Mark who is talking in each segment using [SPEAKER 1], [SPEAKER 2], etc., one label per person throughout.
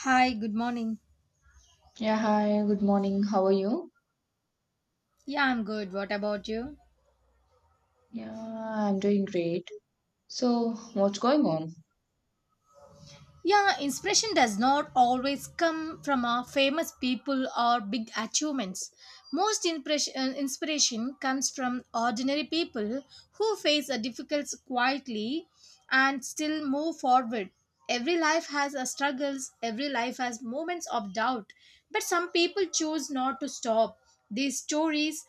[SPEAKER 1] Hi, good morning.
[SPEAKER 2] Yeah, hi, good morning. How are you?
[SPEAKER 1] Yeah, I'm good. What about you?
[SPEAKER 2] Yeah, I'm doing great. So, what's going on?
[SPEAKER 1] Yeah, inspiration does not always come from our famous people or big achievements. Most impression, inspiration comes from ordinary people who face a difficulties quietly and still move forward. Every life has a struggles, every life has moments of doubt, but some people choose not to stop. These stories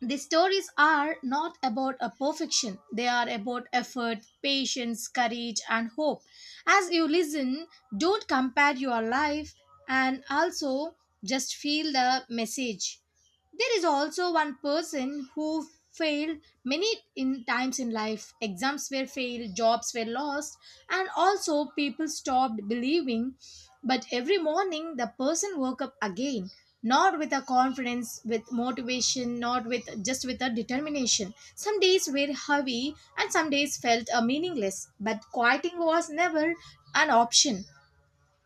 [SPEAKER 1] the stories are not about a perfection. They are about effort, patience, courage and hope. As you listen, don't compare your life, and also just feel the message. There is also one person who failed many in times in life. Exams were failed, jobs were lost, and also people stopped believing. But every morning the person woke up again, not with a confidence, with motivation, not with just with a determination. Some days were heavy and some days felt meaningless, but quieting was never an option.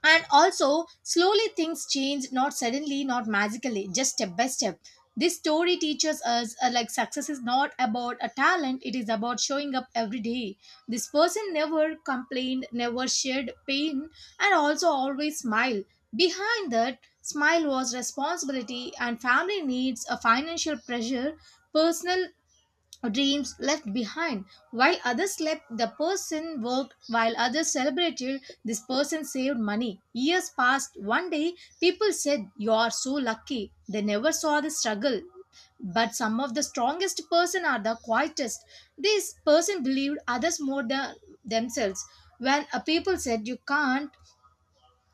[SPEAKER 1] And also slowly things change, not suddenly, not magically, just step by step. This story teaches us like success is not about a talent, it is about showing up every day. This person never complained, never shared pain, and also always smiled. Behind that smile was responsibility and family needs, a financial pressure, personal dreams left behind. While others slept, the person worked. While others celebrated, this person saved money. Years passed. One day people said you are so lucky. They never saw the struggle. But some of the strongest person are the quietest. This person believed others more than themselves. When a people said you can't,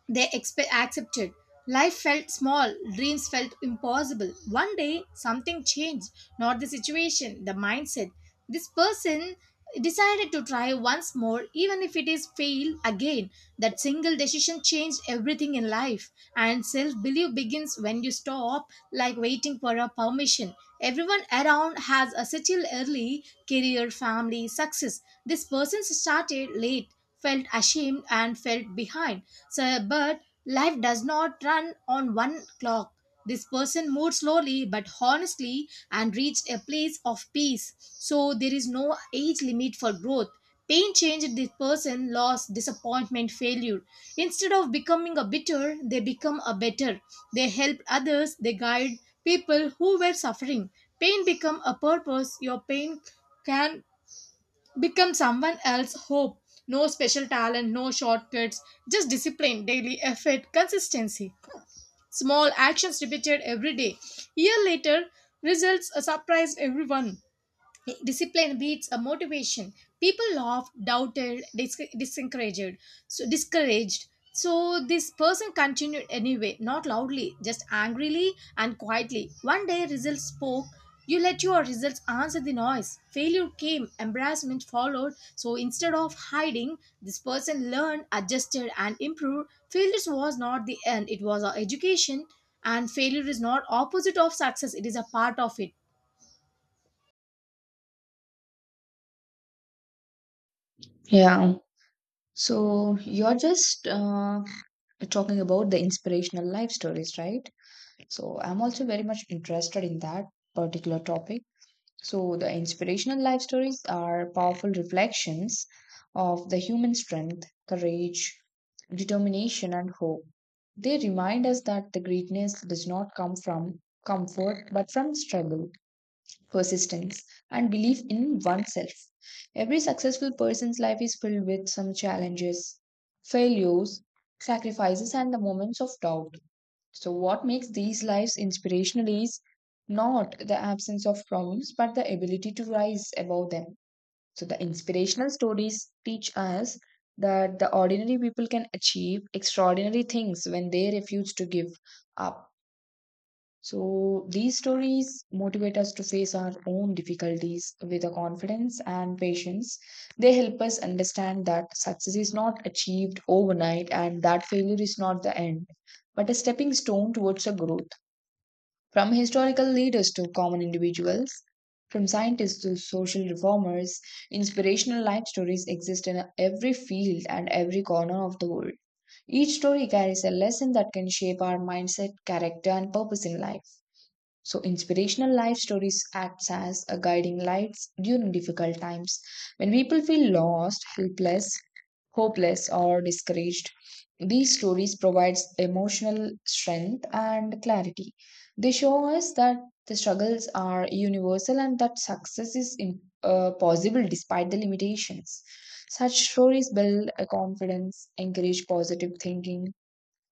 [SPEAKER 1] they accepted. Life felt small, dreams felt impossible. One day, something changed. Not the situation, the mindset. This person decided to try once more, even if it is fail again. That single decision changed everything in life. And self belief begins when you stop, like waiting for a permission. Everyone around has a settled early career, family, success. This person started late, felt ashamed, and felt behind, so, but life does not run on one clock. This person moved slowly but honestly and reached a place of peace. So there is no age limit for growth. Pain changed this person, loss, disappointment, failure. Instead of becoming a bitter, they become a better. They help others, they guide people who were suffering. Pain become a purpose. Your pain can become someone else's hope. No special talent, no shortcuts, just discipline, daily effort, consistency. Small actions repeated every day. Year later, results surprised everyone. Discipline beats a motivation. People laughed, doubted, discouraged. So discouraged. So this person continued anyway, not loudly, just angrily and quietly. One day, results spoke. You let your results answer the noise. Failure came, embarrassment followed. So instead of hiding, this person learned, adjusted, and improved. Failure was not the end; it was our education. And failure is not opposite of success; it is a part of it.
[SPEAKER 2] Yeah. So, you're just talking about the inspirational life stories, right? So, I'm also very much interested in that particular topic. So, the inspirational life stories are powerful reflections of the human strength, courage, determination, and hope. They remind us that the greatness does not come from comfort, but from struggle, persistence, and belief in oneself. Every successful person's life is filled with some challenges, failures, sacrifices, and the moments of doubt. So, what makes these lives inspirational is not the absence of problems, but the ability to rise above them. So, the inspirational stories teach us that the ordinary people can achieve extraordinary things when they refuse to give up. So these stories motivate us to face our own difficulties with a confidence and patience. They help us understand that success is not achieved overnight and that failure is not the end, but a stepping stone towards a growth. From historical leaders to common individuals, from scientists to social reformers, inspirational life stories exist in every field and every corner of the world. Each story carries a lesson that can shape our mindset, character, and purpose in life. So inspirational life stories acts as a guiding lights during difficult times. When people feel lost, helpless, hopeless or discouraged, these stories provides emotional strength and clarity. They show us that the struggles are universal and that success is possible despite the limitations. Such stories build a confidence, encourage positive thinking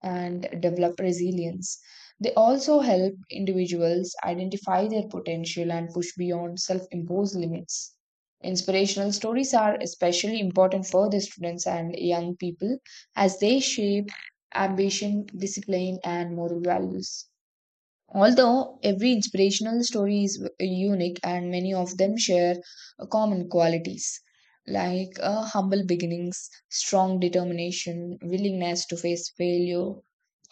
[SPEAKER 2] and develop resilience. They also help individuals identify their potential and push beyond self imposed limits. Inspirational stories are especially important for the students and young people as they shape ambition, discipline, and moral values. Although every inspirational story is unique and many of them share common qualities like humble beginnings, strong determination, willingness to face failure,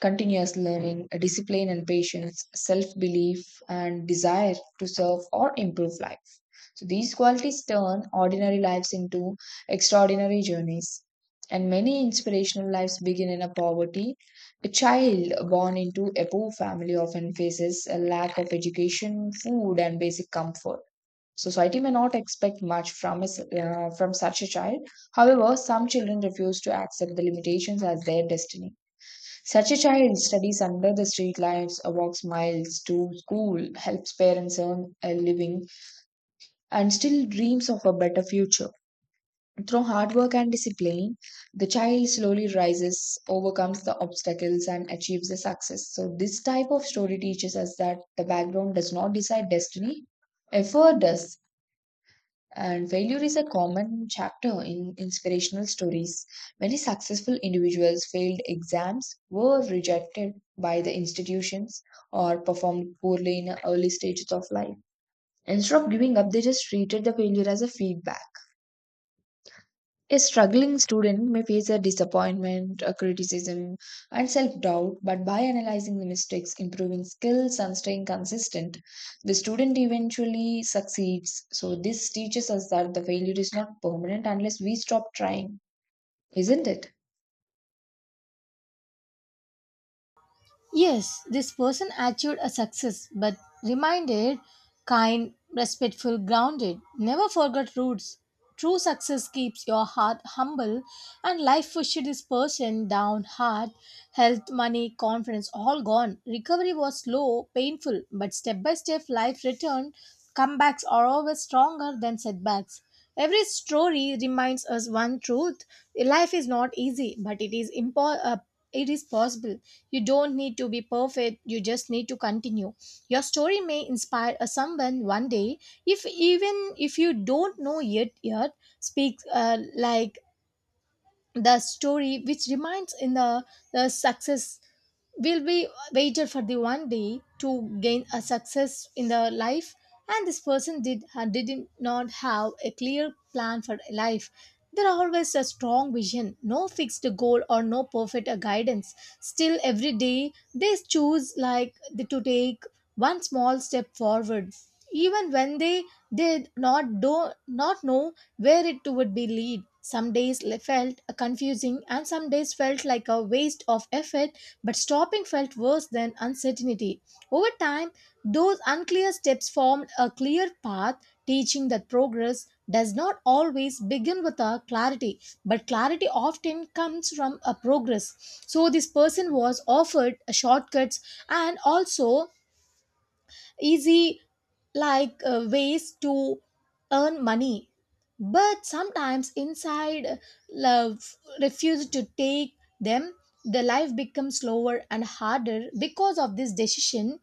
[SPEAKER 2] continuous learning, discipline and patience, self belief, and desire to serve or improve life. So these qualities turn ordinary lives into extraordinary journeys. And many inspirational lives begin in a poverty. A child born into a poor family often faces a lack of education, food, and basic comfort. Society may not expect much from, a s from such a child. However, some children refuse to accept the limitations as their destiny. Such a child studies under the street lights, walks miles to school, helps parents earn a living, and still dreams of a better future. Through hard work and discipline, the child slowly rises, overcomes the obstacles, and achieves the success. So, this type of story teaches us that the background does not decide destiny, effort does. And failure is a common chapter in inspirational stories. Many successful individuals failed exams, were rejected by the institutions, or performed poorly in early stages of life. Instead of giving up, they just treated the failure as a feedback. A struggling student may face a disappointment, a criticism, and self doubt, but by analyzing the mistakes, improving skills, and staying consistent, the student eventually succeeds. So, this teaches us that the failure is not permanent unless we stop trying, isn't it?
[SPEAKER 1] Yes, this person achieved a success, but reminded, kind, respectful, grounded. Never forgot roots. True success keeps your heart humble, and life pushed this person down hard. Health, money, confidence, all gone. Recovery was slow, painful, but step by step, life returned. Comebacks are always stronger than setbacks. Every story reminds us one truth. Life is not easy, but it is, it is possible. You don't need to be perfect, you just need to continue. Your story may inspire a someone one day, if even if you don't know yet, speak like the story which reminds in the success will be waited for the one day to gain a success in the life. And this person did not have a clear plan for life. There are always a strong vision, no fixed goal or no perfect guidance. Still every day they choose like to take one small step forward, even when they did not do not know where it would be lead. Some days felt confusing and some days felt like a waste of effort, but stopping felt worse than uncertainty. Over time those unclear steps formed a clear path, teaching that progress does not always begin with a clarity, but clarity often comes from a progress. So this person was offered a shortcuts, and also easy like ways to earn money, but sometimes inside love refuse to take them. The life becomes slower and harder because of this decision,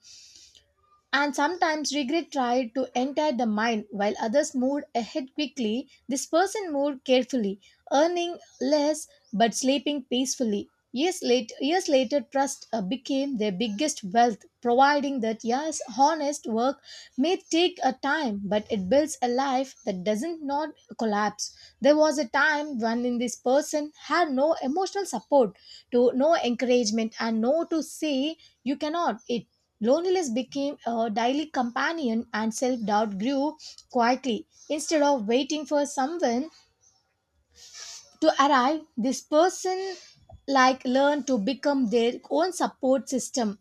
[SPEAKER 1] and sometimes regret tried to enter the mind while others moved ahead quickly. This person moved carefully, earning less but sleeping peacefully. Years later, years later, trust became their biggest wealth, providing that yes, honest work may take a time, but it builds a life that doesn't not collapse. There was a time when in this person had no emotional support, to no encouragement, and no to say you cannot. It loneliness became a daily companion and self doubt grew quietly. Instead of waiting for someone to arrive, this person learned to become their own support system.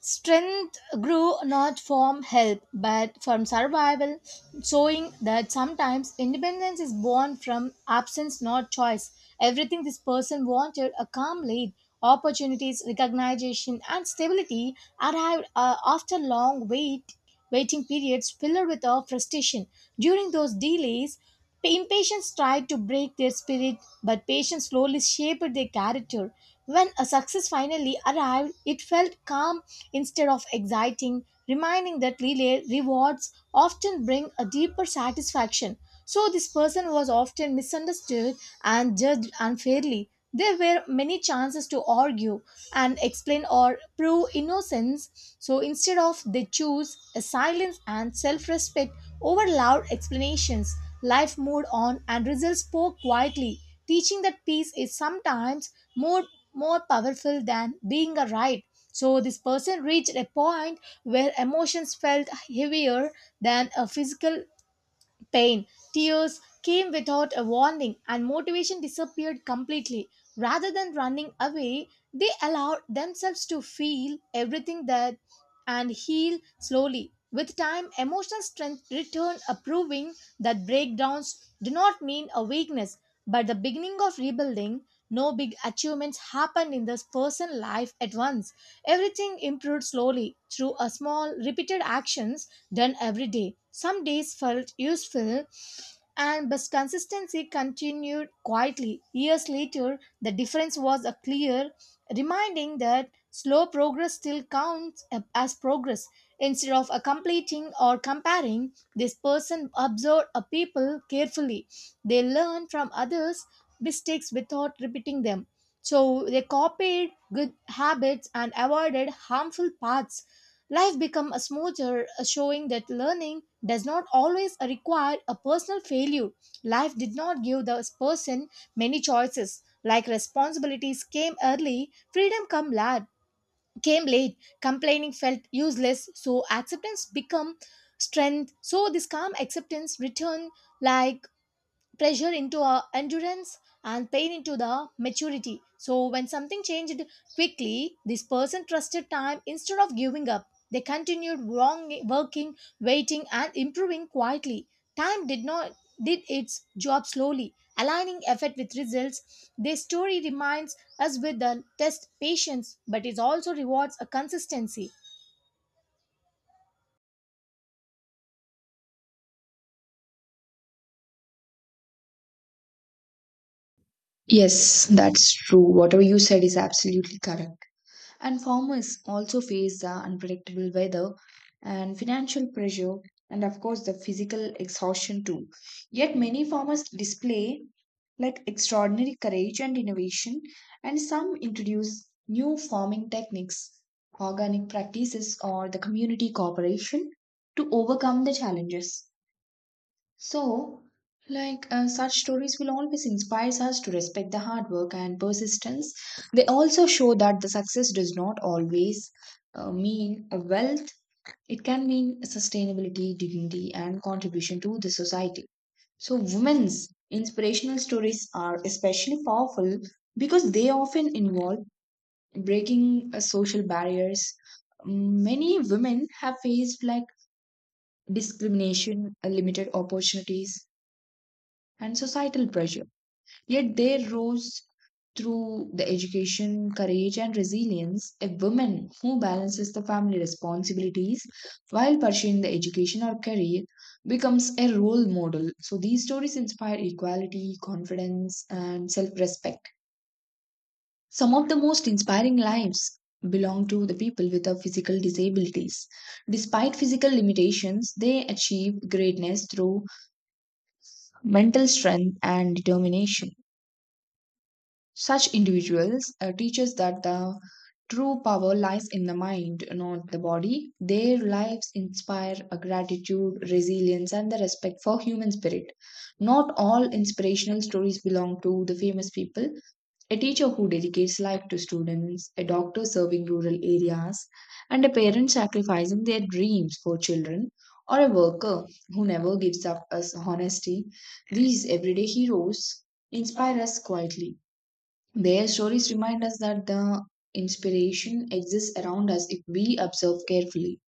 [SPEAKER 1] Strength grew not from help but from survival, showing that sometimes independence is born from absence, not choice. Everything this person wanted, a calm lead, opportunities, recognition, and stability arrived after long wait, waiting periods filled with frustration. During those delays, impatience tried to break their spirit, but patience slowly shaped their character. When a success finally arrived, it felt calm instead of exciting, reminding that relay rewards often bring a deeper satisfaction. So this person was often misunderstood and judged unfairly. There were many chances to argue, and explain or prove innocence. So instead of they choose a silence and self-respect over loud explanations. Life moved on and results spoke quietly, teaching that peace is sometimes more more powerful than being a right. So this person reached a point where emotions felt heavier than a physical pain. Tears came without a warning, and motivation disappeared completely. Rather than running away, they allowed themselves to feel everything that and heal slowly. With time, emotional strength return, proving that breakdowns do not mean a weakness, but the beginning of rebuilding. No big achievements happened in this person's life at once. Everything improved slowly through a small, repeated actions done every day. Some days felt useful, and but consistency continued quietly. Years later, the difference was a clear, reminding that slow progress still counts as progress. Instead of a completing or comparing, this person observed a people carefully. They learned from others' mistakes without repeating them. So they copied good habits and avoided harmful paths. Life became a smoother, showing that learning does not always require a personal failure. Life did not give the person many choices. Like responsibilities came early, freedom come late, came late. Complaining felt useless, so acceptance become strength. So this calm acceptance returned like pressure into our endurance and pain into the maturity. So when something changed quickly, this person trusted time instead of giving up. They continued wrong, working, waiting, and improving quietly. Time did not did its job slowly, aligning effort with results. This story reminds us with the test patience, but it also rewards a consistency.
[SPEAKER 2] Yes, that's true. Whatever you said is absolutely correct. And farmers also face the unpredictable weather and financial pressure, and of course, the physical exhaustion too. Yet, many farmers display like extraordinary courage and innovation, and some introduce new farming techniques, organic practices, or the community cooperation to overcome the challenges. So, like such stories will always inspire us to respect the hard work and persistence. They also show that the success does not always mean a wealth. It can mean sustainability, dignity, and contribution to the society. So, women's inspirational stories are especially powerful because they often involve breaking social barriers. Many women have faced like discrimination, limited opportunities, and societal pressure. Yet they rose through the education, courage, and resilience. A woman who balances the family responsibilities while pursuing the education or career becomes a role model. So these stories inspire equality, confidence, and self respect. Some of the most inspiring lives belong to the people with a physical disabilities. Despite physical limitations, they achieve greatness through mental strength and determination. Such individuals teach us that the true power lies in the mind, not the body. Their lives inspire a gratitude, resilience, and the respect for human spirit. Not all inspirational stories belong to the famous people. A teacher who dedicates life to students, a doctor serving rural areas, and a parent sacrificing their dreams for children, or a worker who never gives up us honesty. These everyday heroes inspire us quietly. Their stories remind us that the inspiration exists around us if we observe carefully.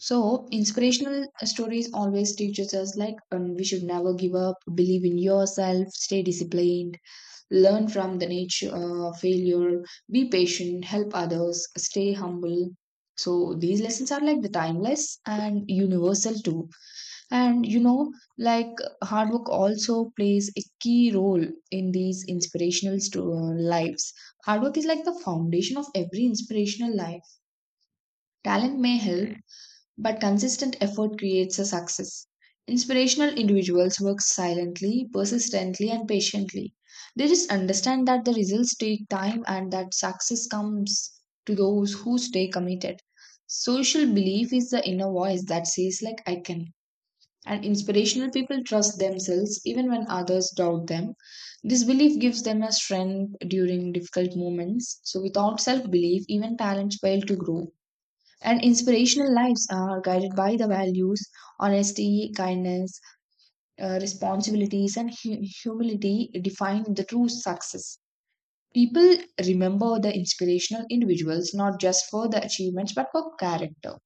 [SPEAKER 2] So, inspirational stories always teaches us like we should never give up, believe in yourself, stay disciplined, learn from the nature failure, be patient, help others, stay humble. So, these lessons are like the timeless and universal too. And you know, like hard work also plays a key role in these inspirational lives. Hard work is like the foundation of every inspirational life. Talent may help, but consistent effort creates a success. Inspirational individuals work silently, persistently, and patiently. They just understand that the results take time and that success comes to those who stay committed. Social belief is the inner voice that says, like, I can and inspirational people trust themselves even when others doubt them. This belief gives them a strength during difficult moments. So, without self belief, even talents fail to grow. And inspirational lives are guided by the values honesty, kindness, responsibilities, and humility define the true success. People remember the inspirational individuals not just for the achievements but for character.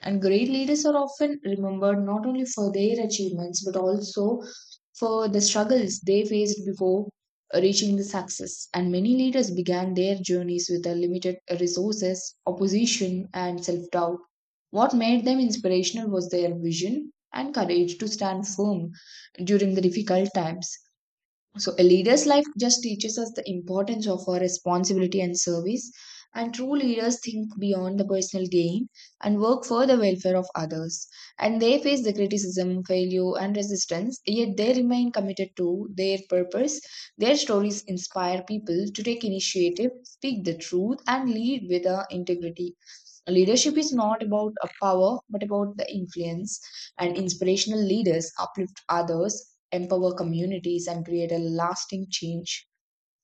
[SPEAKER 2] And great leaders are often remembered not only for their achievements but also for the struggles they faced before reaching the success. And many leaders began their journeys with the limited resources, opposition, and self doubt. What made them inspirational was their vision and courage to stand firm during the difficult times. So, a leader's life just teaches us the importance of our responsibility and service. And true leaders think beyond the personal gain and work for the welfare of others. And they face the criticism, failure, and resistance, yet they remain committed to their purpose. Their stories inspire people to take initiative, speak the truth, and lead with the integrity. Leadership is not about a power, but about the influence. And inspirational leaders uplift others empower communities, and create a lasting change.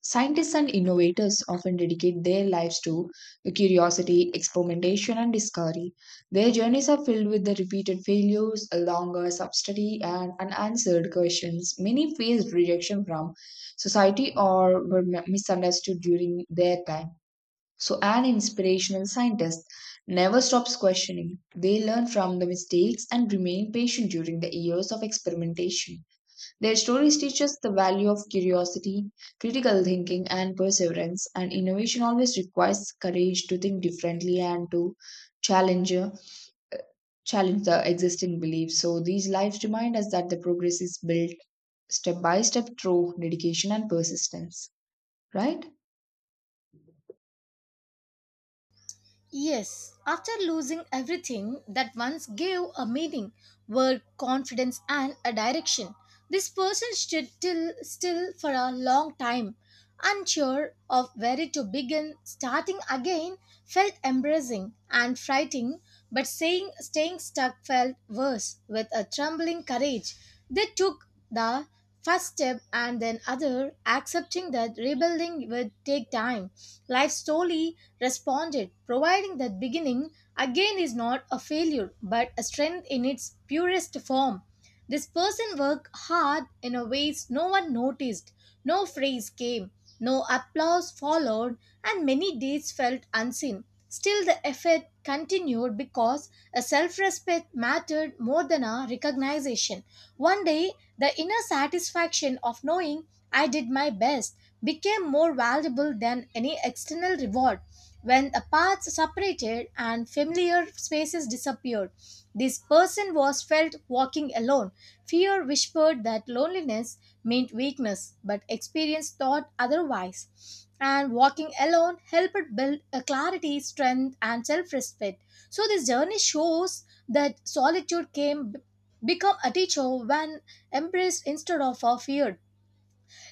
[SPEAKER 2] Scientists and innovators often dedicate their lives to curiosity, experimentation, and discovery. Their journeys are filled with the repeated failures, longer hours and unanswered questions. Many faced rejection from society or were misunderstood during their time. So, an inspirational scientist never stops questioning. They learn from the mistakes and remain patient during the years of experimentation. Their stories teach us the value of curiosity, critical thinking, and perseverance. And innovation always requires courage to think differently and to challenge challenge the existing beliefs. So these lives remind us that the progress is built step by step through dedication and persistence. Right?
[SPEAKER 1] Yes, after losing everything that once gave a meaning, word, confidence, and a direction, this person stood still for a long time, unsure of where to begin. Starting again felt embarrassing and frightening, but staying stuck felt worse. With a trembling courage, they took the first step and then other, accepting that rebuilding would take time. Life slowly responded, providing that beginning again is not a failure but a strength in its purest form. This person worked hard in a ways no one noticed. No praise came, no applause followed, and many days felt unseen. Still, the effort continued because a self respect mattered more than a recognition. One day, the inner satisfaction of knowing I did my best became more valuable than any external reward. When the paths separated and familiar spaces disappeared, this person was felt walking alone. Fear whispered that loneliness meant weakness, but experience taught otherwise. And walking alone helped build a clarity, strength, and self respect. So, this journey shows that solitude came become a teacher when embraced instead of feared.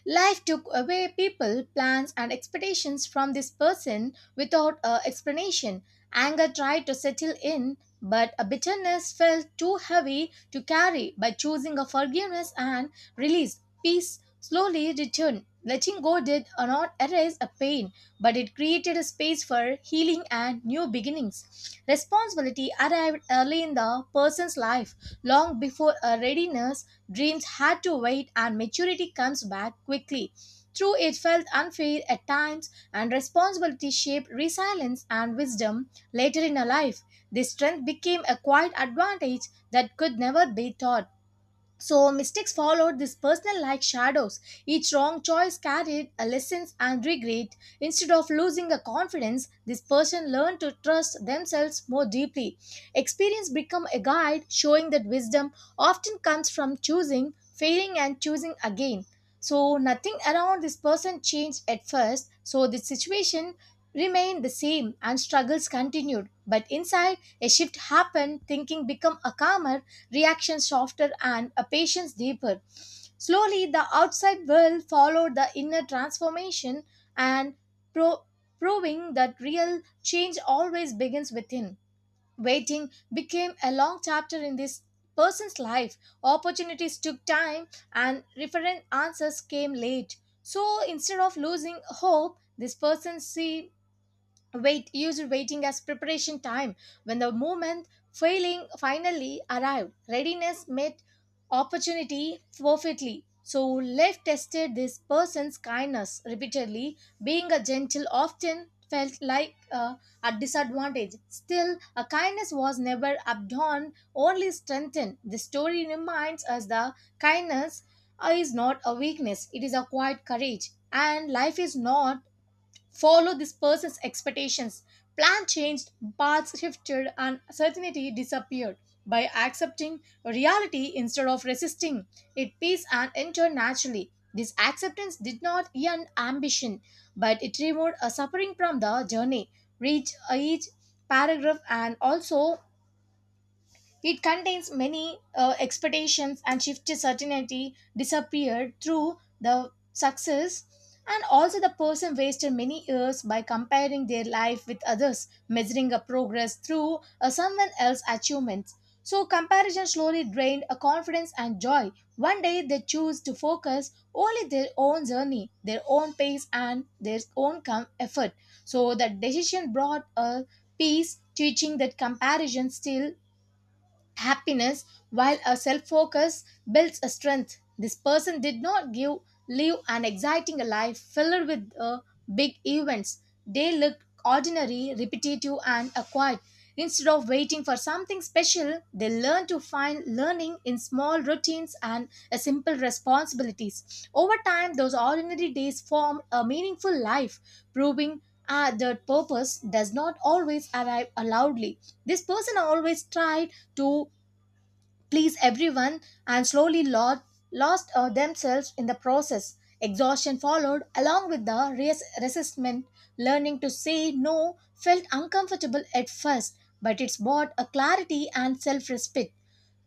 [SPEAKER 1] Life took away people, plans, and expectations from this person without a explanation. Anger tried to settle in, but a bitterness felt too heavy to carry. By choosing a forgiveness and release, peace slowly returned. Letting go did not erase a pain, but it created a space for healing and new beginnings. Responsibility arrived early in the person's life, long before a readiness. Dreams had to wait, and maturity comes back quickly. True, it felt unfair at times, and responsibility shaped resilience and wisdom later in her life. This strength became a quiet advantage that could never be taught. So mistakes followed this personal like shadows. Each wrong choice carried a lessons and regret. Instead of losing a confidence, this person learned to trust themselves more deeply. Experience become a guide, showing that wisdom often comes from choosing, failing, and choosing again. So nothing around this person changed at first. So the situation remained the same and struggles continued. But inside, a shift happened. Thinking become a calmer, reactions softer, and a patience deeper. Slowly, the outside world followed the inner transformation, and pro- proving that real change always begins within. Waiting became a long chapter in this person's life. Opportunities took time and referent answers came late. So instead of losing hope, this person see wait used waiting as preparation time. When the moment failing finally arrived, readiness met opportunity perfectly. So life tested this person's kindness repeatedly. Being a gentle often felt like a disadvantage, still a kindness was never outdone, only strengthened. The story reminds us that kindness is not a weakness, it is a quiet courage. And life is not follow this person's expectations. Plan changed, paths shifted, and certainty disappeared. By accepting reality instead of resisting it, peace and entered naturally. This acceptance did not end ambition, but it removed a suffering from the journey. Read each paragraph, and also it contains many expectations and shift certainty disappeared through the success. And also the person wasted many years by comparing their life with others, measuring a progress through someone else's achievements. So comparison slowly drained a confidence and joy. One day they choose to focus only their own journey, their own pace, and their own effort. So that decision brought a peace, teaching that comparison still happiness, while a self-focus builds a strength. This person did not give live an exciting life filled with big events. They look ordinary, repetitive and acquired. Instead of waiting for something special, they learn to find learning in small routines and simple responsibilities. Over time, those ordinary days form a meaningful life, proving that purpose does not always arrive loudly. This person always tried to please everyone and slowly lost themselves in the process. Exhaustion followed along with the resistment. Learning to say no felt uncomfortable at first, but it's brought a clarity and self respect.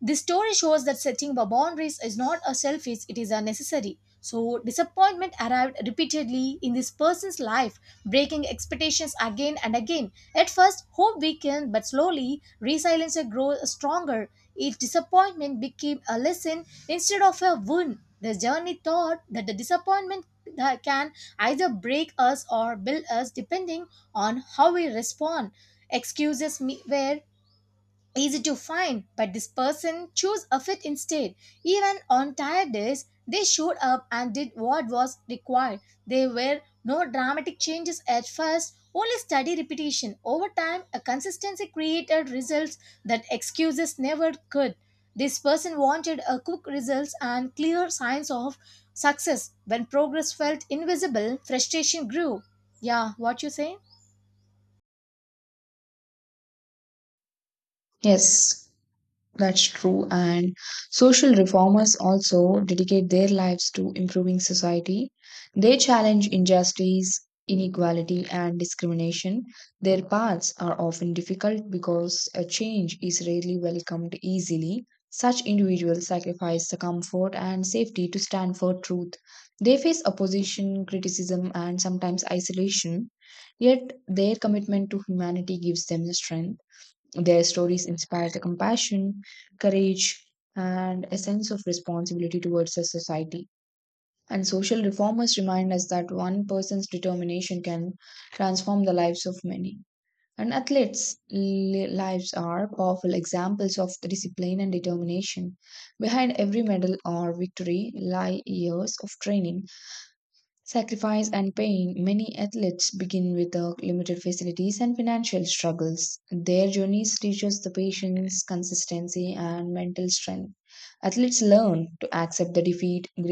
[SPEAKER 1] This story shows that setting boundaries is not a selfish, it is a necessary. So, disappointment arrived repeatedly in this person's life, breaking expectations again and again. At first, hope weakened, but slowly, resilience grows stronger. Each disappointment became a lesson instead of a wound. The journey taught that the disappointment that can either break us or build us depending on how we respond. Were easy to find, but this person chose a fit instead. Even on tired days they showed up and did what was required. There were no dramatic changes at first, only steady repetition. Over time a consistency created results that excuses never could. This person wanted a quick results and clear signs of success. When progress felt invisible, frustration grew. Yeah, what you say.
[SPEAKER 2] Yes. That's true. And social reformers also dedicate their lives to improving society. They challenge injustice, inequality, and discrimination. Their paths are often difficult because a change is rarely welcomed easily. Such individuals sacrifice the comfort and safety to stand for truth. They face opposition, criticism, and sometimes isolation. Yet their commitment to humanity gives them the strength. Their stories inspire the compassion, courage, and a sense of responsibility towards the society. And social reformers remind us that one person's determination can transform the lives of many. And athletes' lives are powerful examples of the discipline and determination. Behind every medal or victory lie years of training sacrifice and pain, many athletes begin with the limited facilities and financial struggles. Their journeys teach us the patience, consistency, and mental strength. Athletes learn to accept the defeat